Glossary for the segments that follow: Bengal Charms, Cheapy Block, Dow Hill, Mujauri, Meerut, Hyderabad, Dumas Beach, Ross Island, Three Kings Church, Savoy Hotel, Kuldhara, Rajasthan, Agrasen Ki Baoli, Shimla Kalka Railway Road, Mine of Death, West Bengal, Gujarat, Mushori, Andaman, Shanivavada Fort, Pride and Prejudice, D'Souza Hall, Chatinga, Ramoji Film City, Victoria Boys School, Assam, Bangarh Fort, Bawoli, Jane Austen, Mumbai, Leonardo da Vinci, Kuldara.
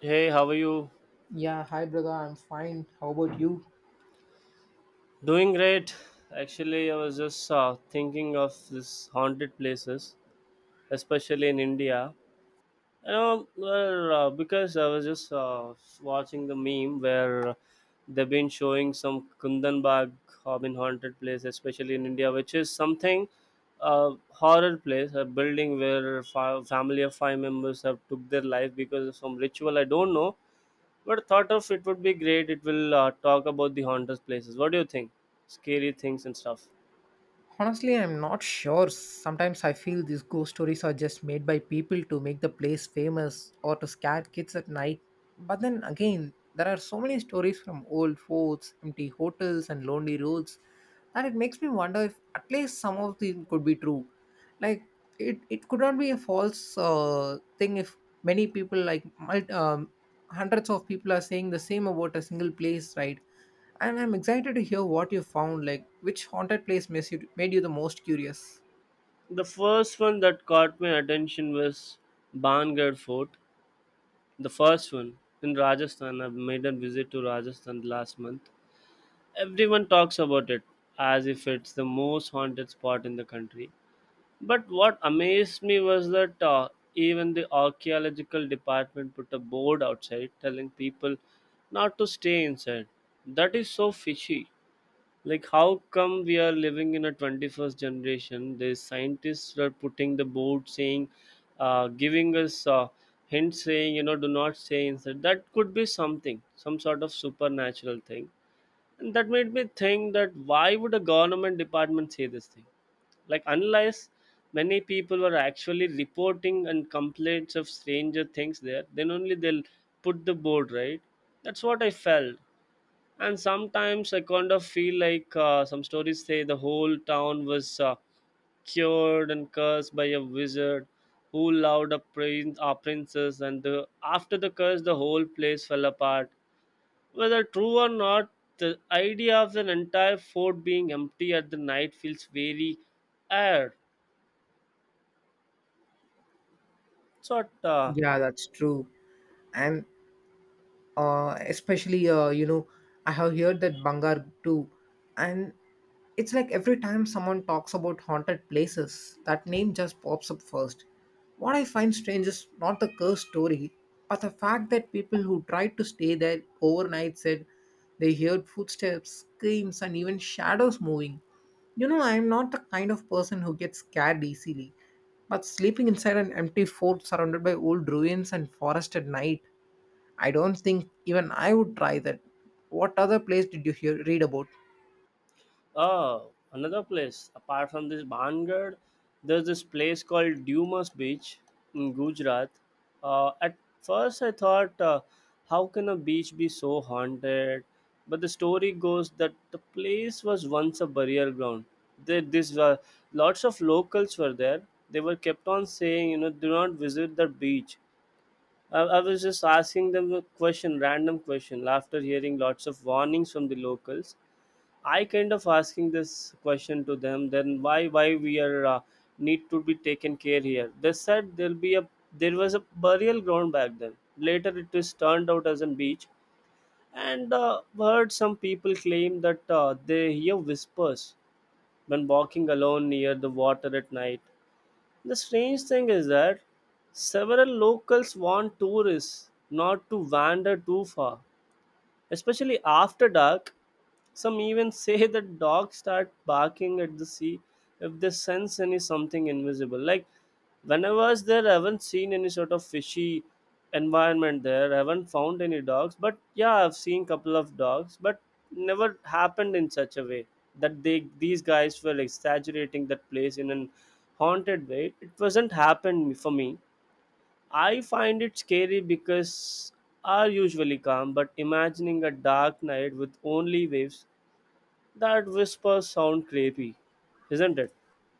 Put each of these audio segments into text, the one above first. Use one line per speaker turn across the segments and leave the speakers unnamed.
Hey, how are you?
Yeah, hi brother, I'm fine. How about you?
Doing great. Actually, I was just thinking of this haunted places, especially in India. You know, well, because I was just watching the meme where they've been showing some Kundanbag in haunted place, especially in India, which is something a horror place, a building where family of 5 members have took their life because of some ritual. I don't know. But thought of it would be great. It will talk about the haunted places. What do you think? Scary things and stuff.
Honestly, I'm not sure. Sometimes I feel these ghost stories are just made by people to make the place famous or to scare kids at night. But then again, there are so many stories from old forts, empty hotels, and lonely roads that it makes me wonder if at least some of these could be true. Like, it could not be a false thing if many people, like hundreds of people, are saying the same about a single place, right? And I'm excited to hear what you found, like which haunted place made you the most curious.
The first one that caught my attention was Bangarh Fort. The first one in Rajasthan. I made a visit to Rajasthan last month. Everyone talks about it as if it's the most haunted spot in the country. But what amazed me was that even the archaeological department put a board outside telling people not to stay inside. That is so fishy. Like how come we are living in a 21st generation? These scientists are putting the board saying, giving us hints, saying you know, do not say insect, that could be something, some sort of supernatural thing. And that made me think that why would a government department say this thing, like unless many people were actually reporting and complaints of stranger things there, then only they'll put the board, right? That's what I felt. And sometimes I kind of feel like some stories say the whole town was cured and cursed by a wizard who loved a prince, a princess, and the, after the curse, the whole place fell apart. Whether true or not, the idea of an entire fort being empty at the night feels very air. It's not
Yeah, that's true. And especially you know, I have heard that Bangar too, and it's like every time someone talks about haunted places, that name just pops up first. What I find strange is not the curse story, but the fact that people who tried to stay there overnight said they heard footsteps, screams, and even shadows moving. You know, I'm not the kind of person who gets scared easily, but sleeping inside an empty fort surrounded by old ruins and forest at night, I don't think even I would try that. What other place did you hear read about?
Oh, another place apart from this Bangad, there's this place called Dumas Beach in Gujarat. At first, I thought, how can a beach be so haunted? But the story goes that the place was once a burial ground. There, this were lots of locals were there. They were kept on saying, you know, do not visit the beach. I was just asking them a question, random question, after hearing lots of warnings from the locals. I kind of asking this question to them. Then why we are need to be taken care here? They said there'll be a there was a burial ground back then. Later it is turned out as a beach, and heard some people claim that they hear whispers when walking alone near the water at night. The strange thing is that several locals want tourists not to wander too far, especially after dark. Some even say that dogs start barking at the sea if they sense any something invisible. Like whenever I was there, I haven't seen any sort of fishy environment there. I haven't found any dogs, but yeah, I've seen couple of dogs, but never happened in such a way that they these guys were exaggerating that place in an haunted way. It wasn't happened for me. I find it scary because are usually calm, but imagining a dark night with only waves that whispers sound creepy, isn't it?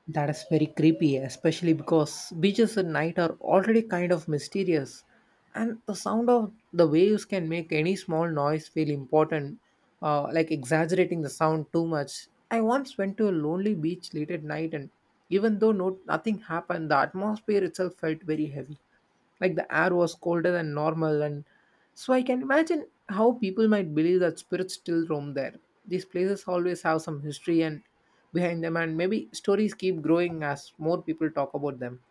That is very creepy, especially because beaches at night are already kind of mysterious, and the sound of the waves can make any small noise feel important, like exaggerating the sound too much. I once went to a lonely beach late at night, and even though nothing happened, the atmosphere itself felt very heavy. Like the air was colder than normal, and so I can imagine how people might believe that spirits still roam there. These places always have some history and behind them, and maybe stories keep growing as more people talk about them.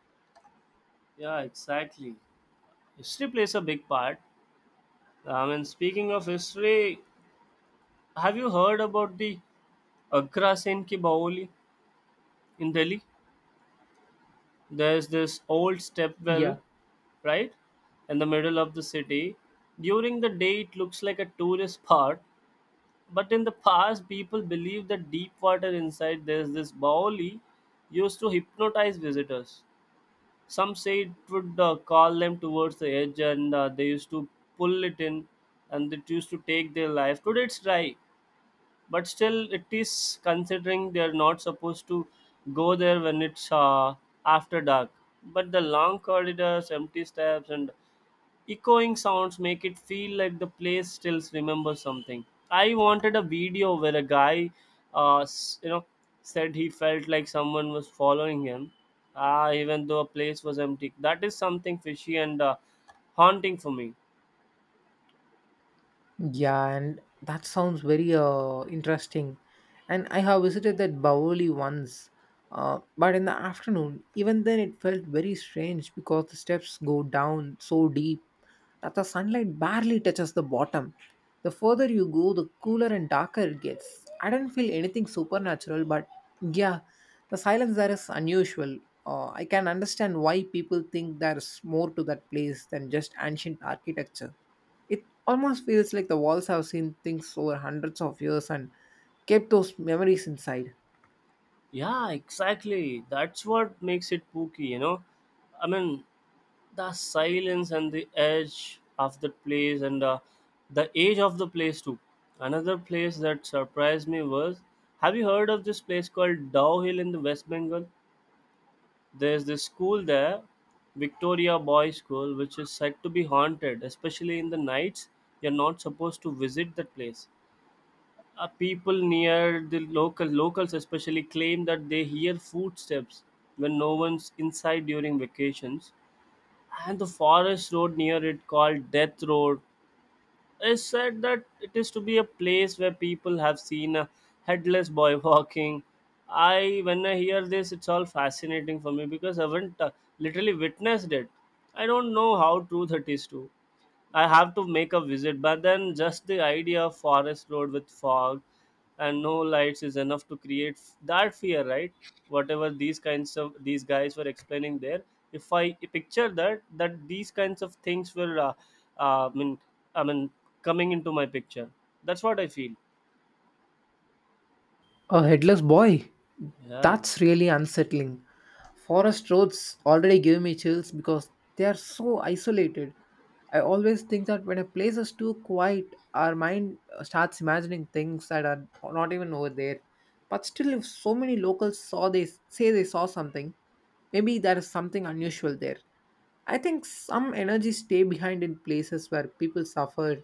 Yeah, exactly. History plays a big part. I mean, speaking of history, have you heard about the Agrasen Ki Baoli in Delhi? There's this old
Yeah.
stepwell, right, in the middle of the city. During the day, it looks like a tourist spot, but in the past people believed that deep water inside there's this baoli used to hypnotize visitors. Some say it would call them towards the edge and they used to pull it in, and it used to take their life. Today it's dry, but still it is considering they're not supposed to go there when it's after dark. But the long corridors, empty steps and echoing sounds make it feel like the place still remembers something. I wanted a video where a guy, uh, s- you know, said he felt like someone was following him, even though a place was empty. That is something fishy and haunting for me.
Yeah, and that sounds very interesting. And I have visited that Bawoli once, but in the afternoon, even then it felt very strange because the steps go down so deep that the sunlight barely touches the bottom. The further you go, the cooler and darker it gets. I don't feel anything supernatural, but yeah, the silence there is unusual. I can understand why people think there is more to that place than just ancient architecture. It almost feels like the walls have seen things over hundreds of years and kept those memories inside.
Yeah, exactly. That's what makes it spooky, you know. I mean, the silence and the edge of the place and the age of the place too. Another place that surprised me was, have you heard of this place called Dow Hill in the West Bengal? There's this school there, Victoria Boys School, which is said to be haunted, especially in the nights. You're not supposed to visit that place. People near the locals especially claim that they hear footsteps when no one's inside during vacations, and the forest road near it called death road is said that it is to be a place where people have seen a headless boy walking. I when I hear this, it's all fascinating for me because I haven't literally witnessed it. I don't know how true that is too. I have to make a visit, but then just the idea of forest road with fog and no lights is enough to create that fear, right? Whatever these kinds of these guys were explaining there, if I picture that that these kinds of things were, uh, I mean, I mean, coming into my picture. That's what I feel.
A headless boy?
Yeah.
That's really unsettling. Forest roads already give me chills because they are so isolated. I always think that when a place is too quiet, our mind starts imagining things that are not even over there. But still, if so many locals saw they say they saw something, maybe there is something unusual there. I think some energies stay behind in places where people suffered,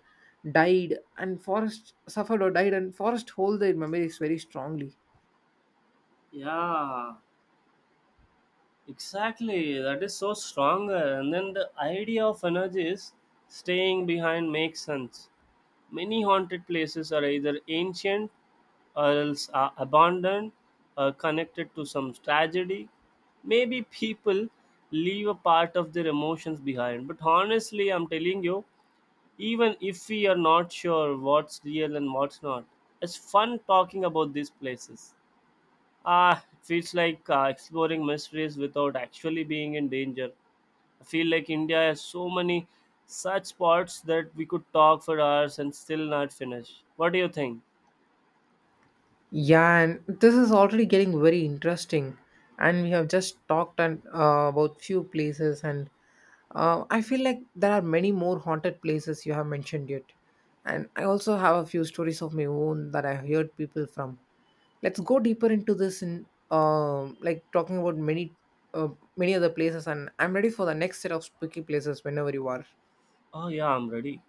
died, and forest hold their memories very strongly.
Yeah, exactly, that is so strong. Uh, and then the idea of energy is staying behind makes sense. Many haunted places are either ancient or else are abandoned or connected to some tragedy. Maybe people leave a part of their emotions behind. But honestly, I'm telling you, even if we are not sure what's real and what's not, it's fun talking about these places. Ah, it feels like exploring mysteries without actually being in danger. I feel like India has so many such spots that we could talk for hours and still not finish. What do you think?
Yeah, and this is already getting very interesting, and we have just talked and about few places, and I feel like there are many more haunted places you have mentioned yet, and I also have a few stories of my own that I have heard people from. Let's go deeper into this, in like talking about many uh, many other places, and I'm ready for the next set of spooky places whenever you are.
Oh, yeah, I'm ready.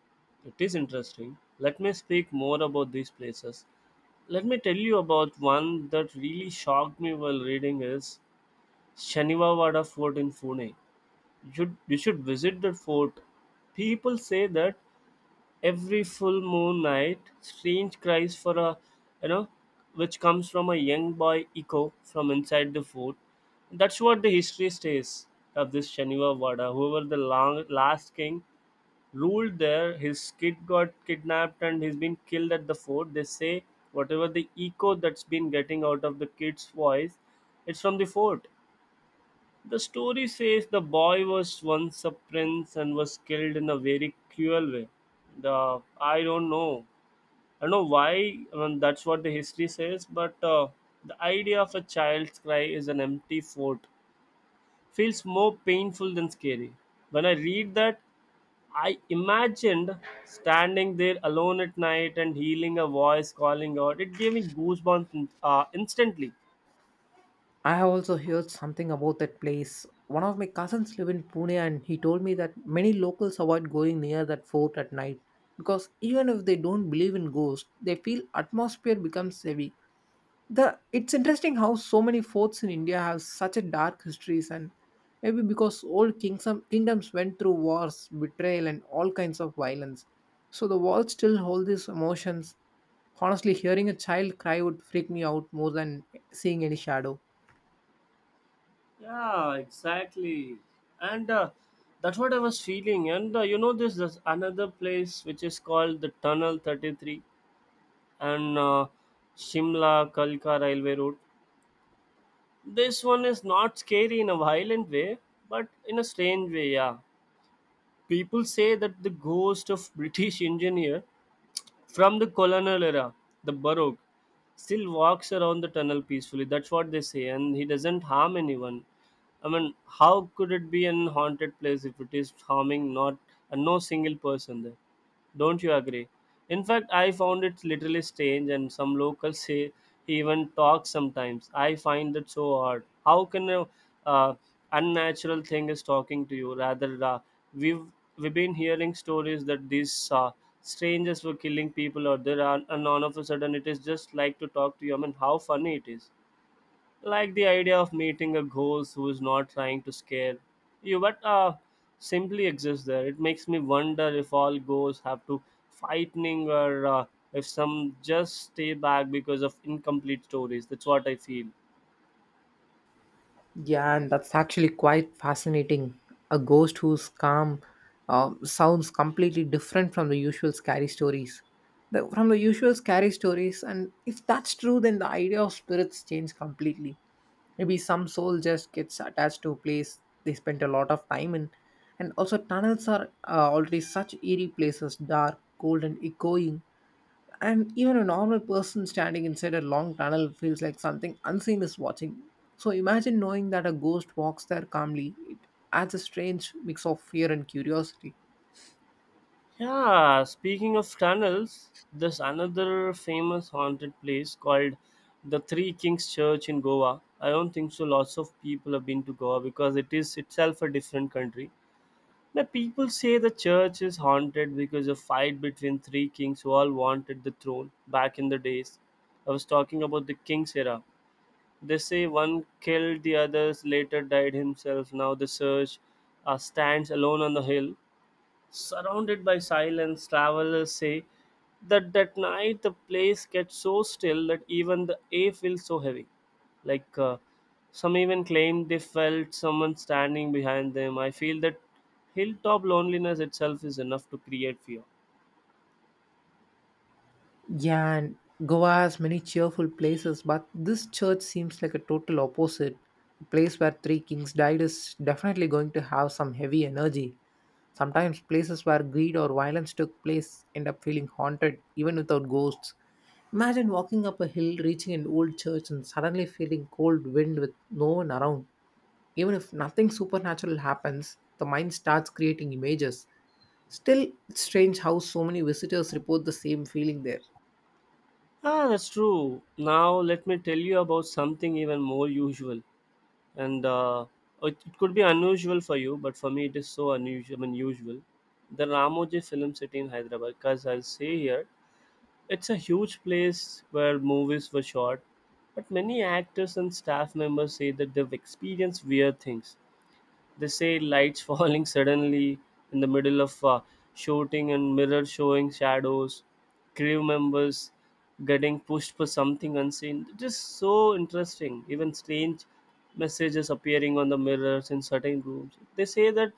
It is interesting. Let me speak more about these places. Let me tell you about one that really shocked me while reading is Shanivavada Fort in Pune. You should visit that fort. People say that every full moon night, strange cries for a, you know, which comes from a young boy, echo from inside the fort. That's what the history says of this Shaniva Wada. Whoever the long, last king ruled there, his kid got kidnapped and he's been killed at the fort. They say whatever the echo that's been getting out of the kid's voice, it's from the fort. The story says the boy was once a prince and was killed in a very cruel way. The I don't know. I don't know why. I mean, that's what the history says. But the idea of a child's cry is an empty fort feels more painful than scary. When I read that, I imagined standing there alone at night and hearing a voice calling out. It gave me goosebumps instantly.
I have also heard something about that place. One of my cousins live in Pune, and he told me that many locals avoid going near that fort at night, because even if they don't believe in ghosts, they feel atmosphere becomes heavy. The It's interesting how so many forts in India have such a dark histories, and maybe because kingdoms went through wars, betrayal, and all kinds of violence, so the walls still hold these emotions. Honestly, hearing a child cry would freak me out more than seeing any shadow.
Yeah, exactly. And that's what I was feeling. And you know, this there's another place which is called the Tunnel 33 and Shimla Kalka Railway Road. This one is not scary in a violent way, but in a strange way, yeah. People say that the ghost of British engineer from the colonial era, the Baroque, still walks around the tunnel peacefully. That's what they say, and he doesn't harm anyone. I mean, how could it be an haunted place if it is harming not and no single person there? Don't you agree? In fact, I found it literally strange, and some locals say he even talks sometimes. I find that so odd. How can a uh, unnatural thing is talking to you? Rather, we've we've been hearing stories that these strangers were killing people, or there, are, and all of a sudden it is just like to talk to you. I mean, how funny it is! Like the idea of meeting a ghost who is not trying to scare you but simply exists there, it makes me wonder if all ghosts have to fighting or if some just stay back because of incomplete stories. That's what I feel.
Yeah, and that's actually quite fascinating. A ghost who's calm sounds completely different from the usual scary stories. The, from the usual scary stories, and If that's true, then the idea of spirits change completely. Maybe some soul just gets attached to a place they spent a lot of time in, and also tunnels are already such eerie places, dark, cold, and echoing, and even a normal person standing inside a long tunnel feels like something unseen is watching. So imagine knowing that a ghost walks there calmly. It adds a strange mix of fear and curiosity.
Yeah, speaking of tunnels, there's another famous haunted place called the Three Kings Church in Goa. I don't think so lots of people have been to Goa because it is itself a different country. The people say the church is haunted because of fight between three kings who all wanted the throne back in the days. I was talking about the king's era. They say one killed the others, later died himself. Now the church stands alone on the hill. Surrounded by silence, travelers say that that night the place gets so still that even the air feels so heavy. Like some even claim they felt someone standing behind them. I feel that hilltop loneliness itself is enough to create fear.
Yeah, and Goa has many cheerful places, but this church seems like a total opposite. A place where three kings died is definitely going to have some heavy energy. Sometimes places where greed or violence took place end up feeling haunted even without ghosts. Imagine walking up a hill, reaching an old church, and suddenly feeling cold wind with no one around. Even if nothing supernatural happens, the mind starts creating images. Still, it's strange how so many visitors report the same feeling there.
Ah, that's true. Now let me tell you about something even more usual, and it could be unusual for you, but for me it is so unusual. I mean, usual. The Ramoji Film City in Hyderabad, because I'll say here, it's a huge place where movies were shot, but many actors and staff members say that they've experienced weird things. They say lights falling suddenly in the middle of shooting, and mirrors showing shadows, crew members getting pushed for something unseen. It is so interesting. Even strange messages appearing on the mirrors in certain rooms. They say that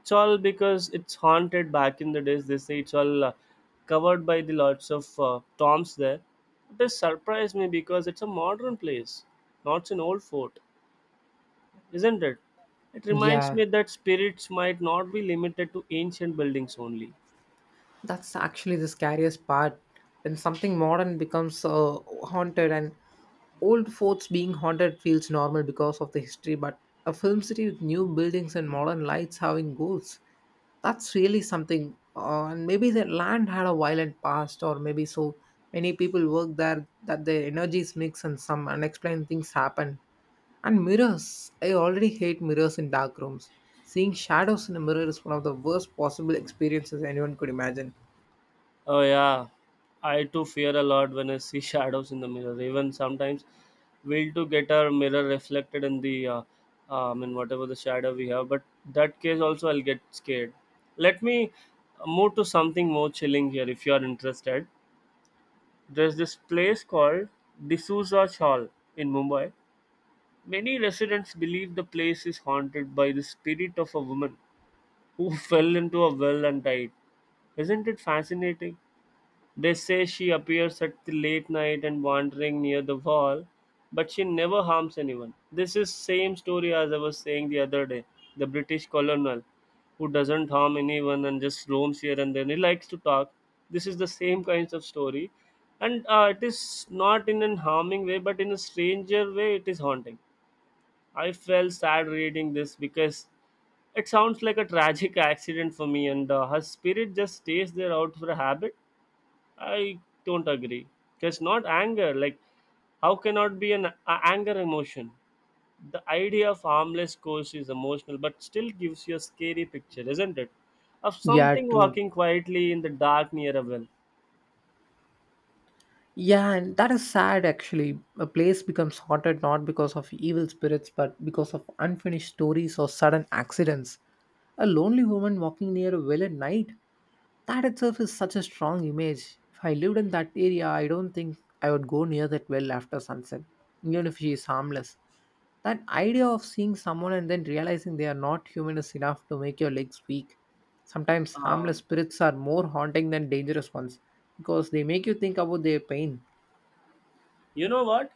it's all because it's haunted. Back in the days, they say it's all covered by the lots of tombs there. It does surprise me because it's a modern place, not an old fort, isn't it? It reminds
Yeah,
me that spirits might not be limited to ancient buildings only.
that's actually the scariest part. When something modern becomes haunted, and old forts being haunted feels normal because of the history, but a film city with new buildings and modern lights having ghosts, that's really something. And maybe the land had a violent past, or maybe so many people work there that their energies mix and some unexplained things happen. And mirrors, I already hate mirrors in dark rooms. Seeing shadows in a mirror is one of the worst possible experiences anyone could imagine.
Oh yeah, I too fear a lot when I see shadows in the mirror. Even sometimes, we'll to get our mirror reflected in the, I mean whatever the shadow we have. But that case also, I'll get scared. Let me move to something more chilling here, if you are interested. There's this place called D'Souza Hall in Mumbai. Many residents believe the place is haunted by the spirit of a woman who fell into a well and died. Isn't it fascinating? They say she appears at the late night and wandering near the wall, but she never harms anyone. This is same story as I was saying the other day. The British colonel who doesn't harm anyone and just roams here, and then he likes to talk. This is the same kinds of story, and it is not in an harming way, but in a stranger way, it is haunting. I felt sad reading this because it sounds like a tragic accident for me, and her spirit just stays there out for a habit. I don't agree. Because not anger. Like, how cannot be an anger emotion? The idea of harmless ghost is emotional, but still gives you a scary picture, isn't it? Of
Yeah,
something
true.
walking quietly in the dark near a well.
Yeah, and that is sad actually. A place becomes haunted not because of evil spirits but because of unfinished stories or sudden accidents. A lonely woman walking near a well at night, that itself is such a strong image. If I lived in that area, I don't think I would go near that well after sunset, even if she is harmless. That idea of seeing someone and then realizing they are not human is enough to make your legs weak. Sometimes
Uh,
harmless spirits are more haunting than dangerous ones because they make you think about their pain.
you know what?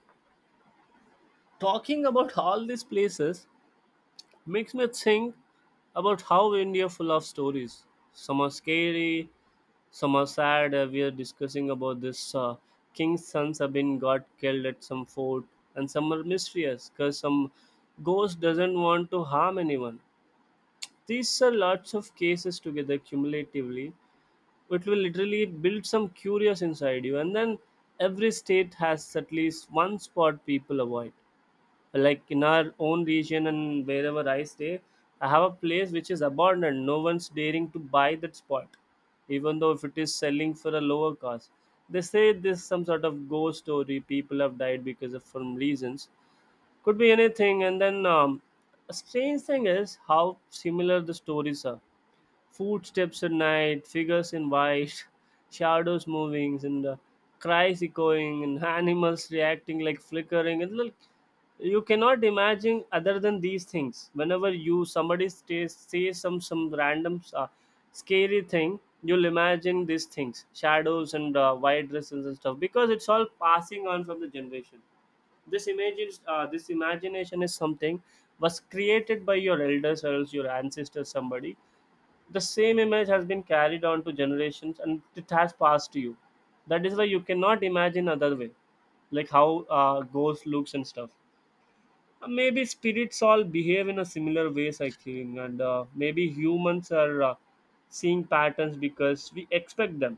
Talking about all these places makes me think about how India full of stories. Some are scary. So Mossad, we are discussing about this king's sons have been got killed at some fort, and some are mysterious because some ghost doesn't want to harm anyone. These are lots of cases together cumulatively. It will literally build some curious inside you, and then every state has at least one spot people avoid, like in our own region and wherever I stay. I have a place which is abandoned, no one's daring to buy that spot even though if it is selling for a lower cost. They say this some sort of ghost story, people have died because of some reasons, could be anything. And then a strange thing is how similar the stories are. Footsteps at night, figures in white, shadows moving, and cries echoing, and animals reacting like flickering. It's like you cannot imagine other than these things. Whenever you somebody stays, says some random scary thing, you'll imagine these things, shadows and white dresses and stuff, because it's all passing on from the generation. This image is this imagination is something was created by your elders or else your ancestors, somebody. The same image has been carried on to generations and it has passed to you. That is why you cannot imagine other way, like how ghost looks and stuff. Maybe spirits all behave in a similar ways, I think, and maybe humans are seeing patterns because we expect them.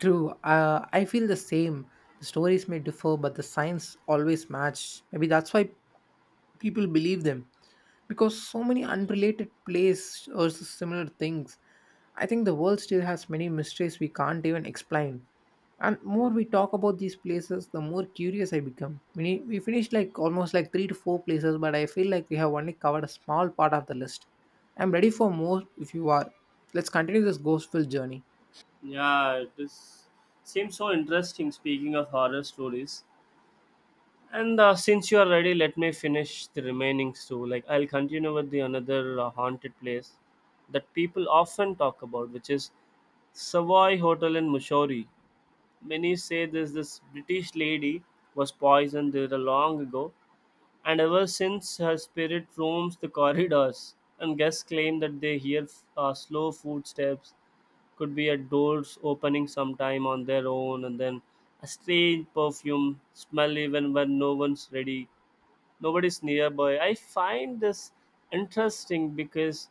True, I feel the same. The stories may differ, but the signs always match. Maybe that's why people believe them, because so many unrelated plays or similar things. I think the world still has many mysteries we can't even explain. And more we talk about these places, the more curious I become. We finished like almost like three to four places, but I feel like we have only covered a small part of the list. I'm ready for more if you are. Let's continue this ghostful journey.
Yeah, this seems so interesting. Speaking of horror stories, And since you are ready, let me finish the remaining two. Like, I'll continue with the another haunted place that people often talk about, which is Savoy Hotel in Mushori. Many say this British lady was poisoned there long ago, and ever since her spirit roams the corridors. And guests claim that they hear slow footsteps, could be at doors opening sometime on their own, and then a strange perfume smell even when no one's ready, nobody's nearby. I find this interesting because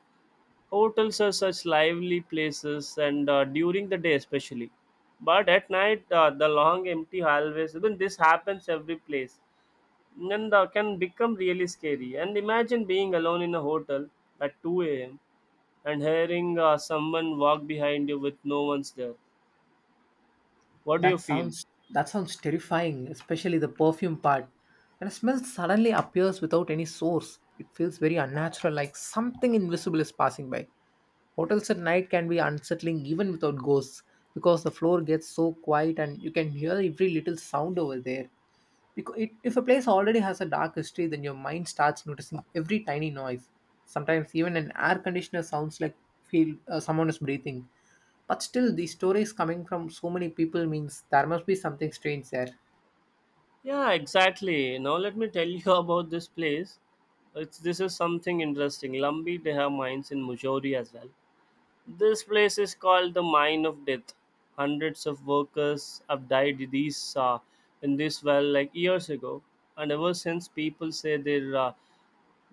hotels are such lively places, and during the day especially. But at night, the long empty hallways. Even this happens every place, and can become really scary. And imagine being alone in a hotel at two a.m. and hearing someone walk behind you with no one's there. What do you
That
feel?
sounds that sounds terrifying, especially the perfume part. When a smell suddenly appears without any source, it feels very unnatural, like something invisible is passing by. Hotels at night can be unsettling even without ghosts because the floor gets so quiet and you can hear every little sound over there. Because it, if a place already has a dark history, then your mind starts noticing every tiny noise. Sometimes even an air conditioner sounds like feel someone is breathing. But still, these stories coming from so many people means there must be something strange there.
Yeah, exactly. Now let me tell you about this place. It's, this is something interesting. Lumbi, they have mines in Mujauri as well. This place is called the Mine of Death. Hundreds of workers have died these in this well like years ago, and ever since people say they've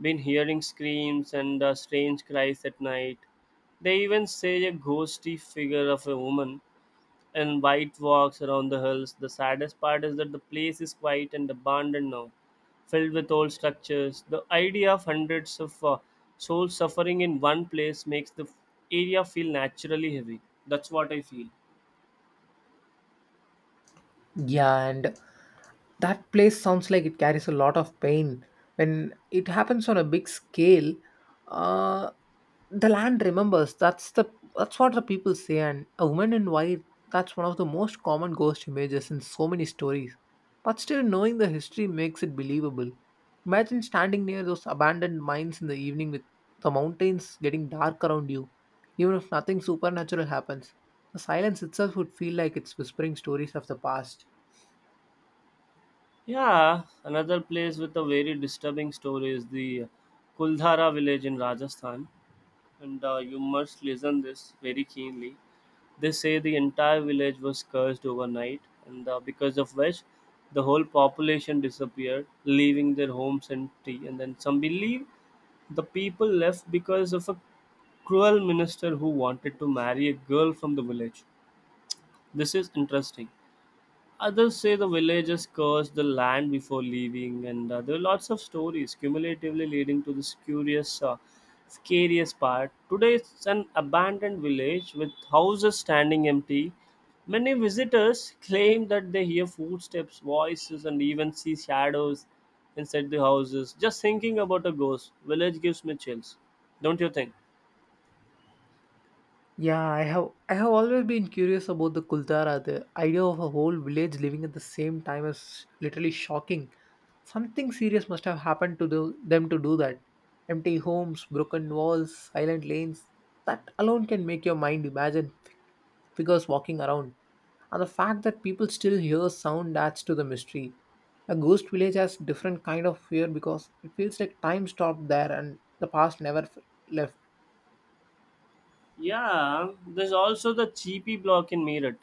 been hearing screams and strange cries at night. They even say a ghostly figure of a woman and white walks around the hills. The saddest part is that the place is quiet and abandoned now, filled with old structures. The idea of hundreds of souls suffering in one place makes the area feel naturally heavy. That's what I feel.
Yeah, and that place sounds like it carries a lot of pain. When it happens on a big scale, uh, the land remembers. That's what the people say. And a woman in white, that's one of the most common ghost images in so many stories, but still knowing the history makes it believable. Imagine standing near those abandoned mines in the evening with the mountains getting dark around you. Even if nothing supernatural happens, the silence itself would feel like it's whispering stories of the past.
Yeah, another place with a very disturbing story is the Kuldhara village in Rajasthan, and you must listen this very keenly. They say the entire village was cursed overnight, and because of which the whole population disappeared, leaving their homes empty. And then some believe the people left because of a cruel minister who wanted to marry a girl from the village. This is interesting. Others say the villagers cursed the land before leaving, and there are lots of stories cumulatively leading to this curious, scariest part. Today, it's an abandoned village with houses standing empty. Many visitors claim that they hear footsteps, voices, and even see shadows inside the houses. Just thinking about a ghost village gives me chills, don't you think?
Yeah, I have always been curious about the Kuldara. The idea of a whole village living at the same time is literally shocking. Something serious must have happened to them to do that. Empty homes, broken walls, silent lanes. That alone can make your mind imagine figures walking around. And the fact that people still hear sound adds to the mystery. A ghost village has different kind of fear because it feels like time stopped there and the past never left.
Yeah, there's also the cheapy block in Meerut.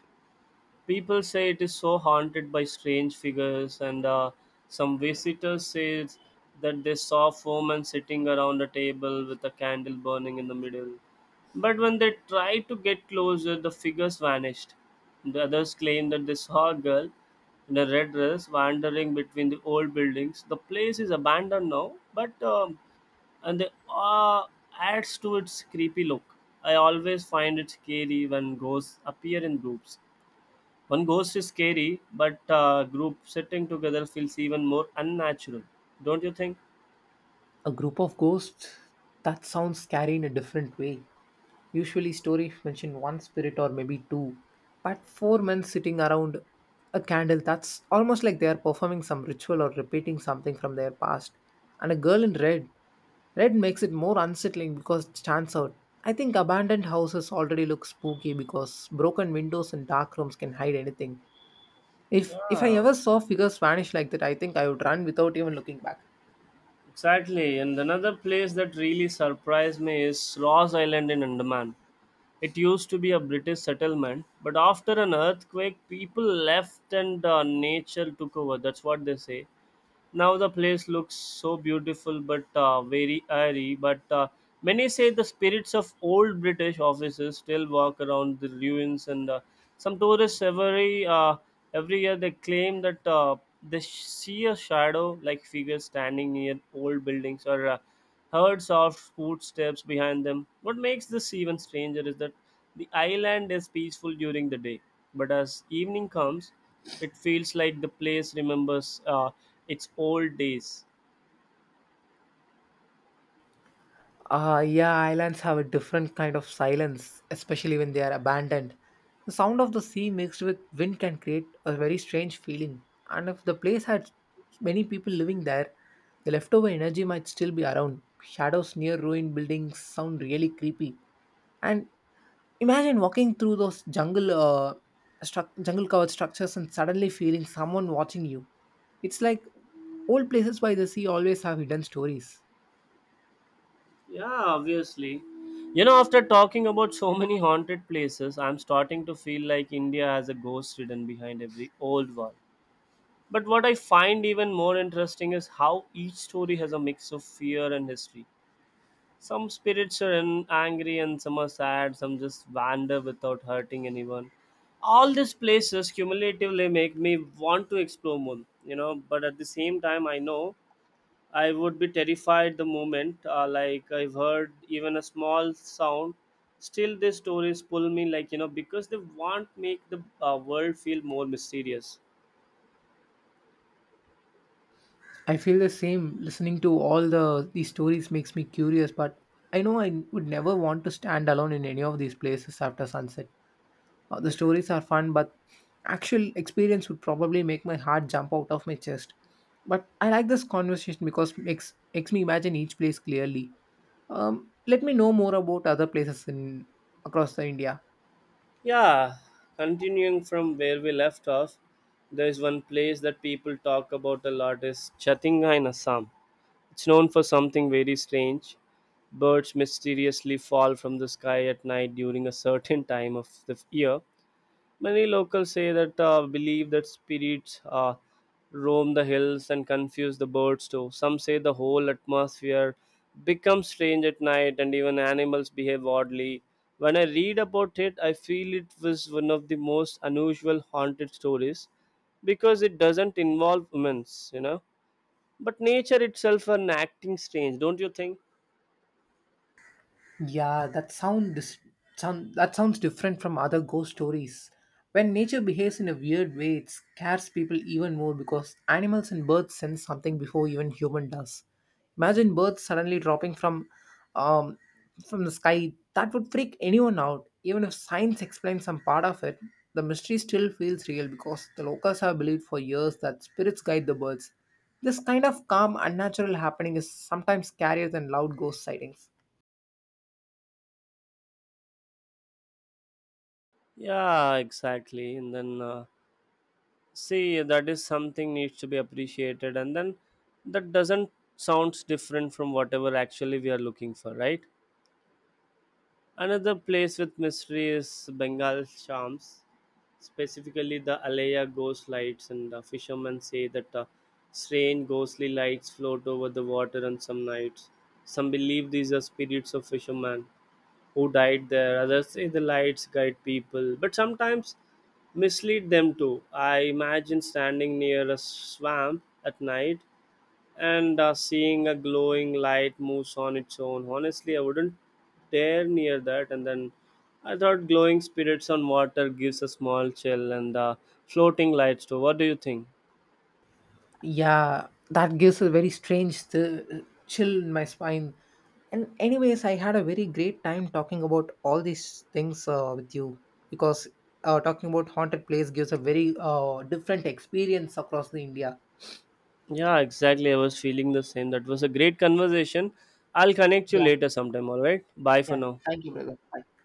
People say it is so haunted by strange figures, and some visitors say that they saw four men sitting around a table with a candle burning in the middle. But when they tried to get closer, the figures vanished. The others claim that they saw a girl in a red dress wandering between the old buildings. The place is abandoned now, but and the awe adds to its creepy look. I always find it scary when ghosts appear in groups. One ghost is scary, but group sitting together feels even more unnatural. Don't you think?
A group of ghosts? That sounds scary in a different way. Usually, stories mention one spirit or maybe two, but four men sitting around a candle, that's almost like they are performing some ritual or repeating something from their past. And a girl in red. Red makes it more unsettling because it stands out. I think abandoned houses already look spooky because broken windows and dark rooms can hide anything. If I
Yeah,
ever saw figures vanish like that, I think I would run without even looking back.
exactly. And another place that really surprised me is Ross Island in Andaman. It used to be a British settlement, but after an earthquake, people left and nature took over. That's what they say. Now the place looks so beautiful but very airy. But many say the spirits of old British officers still walk around the ruins, and some tourists every year they claim that they see a shadow like figure standing near old buildings or heard soft footsteps behind them. What makes this even stranger is that the island is peaceful during the day, but as evening comes, it feels like the place remembers its old days.
Yeah, islands have a different kind of silence, especially when they are abandoned. The sound of the sea mixed with wind can create a very strange feeling. And if the place had many people living there, the leftover energy might still be around. Shadows near ruined buildings sound really creepy. And imagine walking through those jungle covered structures and suddenly feeling someone watching you. It's like old places by the sea always have hidden stories.
Yeah, obviously. You know, after talking about so many haunted places, I'm starting to feel like India has a ghost hidden behind every old wall. But what I find even more interesting is how each story has a mix of fear and history. Some spirits are angry and some are sad, some just wander without hurting anyone. All these places cumulatively make me want to explore more, you know, but at the same time, I know I would be terrified the moment, like I've heard even a small sound. Still, these stories pull me, like, you know, because they want make the world feel more mysterious.
I feel the same. Listening to all the these stories makes me curious, but I know I would never want to stand alone in any of these places after sunset. The
Hmm.
stories are fun, but actual experience would probably make my heart jump out of my chest. But I like this conversation because it makes me imagine each place clearly. Um, Let me know more about other places in across the India.
Yeah, continuing from where we left off, there is one place that people talk about a lot is Chatinga in Assam. It's known for something very strange. Birds mysteriously fall from the sky at night during a certain time of the year. Many locals say that believe that spirits roam the hills and confuse the birds too. Some say the whole atmosphere becomes strange at night and even animals behave oddly. When I read about it, I feel it was one of the most unusual haunted stories because it doesn't involve humans, you know. But nature itself are acting strange, don't you think?
Yeah, sound that sounds different from other ghost stories. When nature behaves in a weird way, it scares people even more because animals and birds sense something before even human does. Imagine birds suddenly dropping um from the sky. That would freak anyone out. Even if science explains some part of it, the mystery still feels real because the locals have believed for years that spirits guide the birds. This kind of calm, unnatural happening is sometimes scarier than loud ghost sightings.
Yeah, exactly. And then see, that is something needs to be appreciated, and then that doesn't sounds different from whatever actually we are looking for, right? Another place with mystery is Bengal charms, specifically the Alaya ghost lights, and fishermen say that strange ghostly lights float over the water on some nights. Some believe these are spirits of fishermen who died there. Others say the lights guide people, but sometimes mislead them too. I imagine standing near a swamp at night and seeing a glowing light moves on its own. Honestly, I wouldn't dare near that. And then I thought glowing spirits on water gives a small chill, and floating lights too. What do you think?
Yeah, that gives a very strange chill in my spine. And anyways, I had a very great time talking about all these things with you, because talking about haunted place gives a very different experience across the India.
Yeah, exactly. I was feeling the same. That was a great conversation. I'll connect you
Yeah,
later sometime, alright? Bye for
yeah.
now.
Thank you, brother. Bye.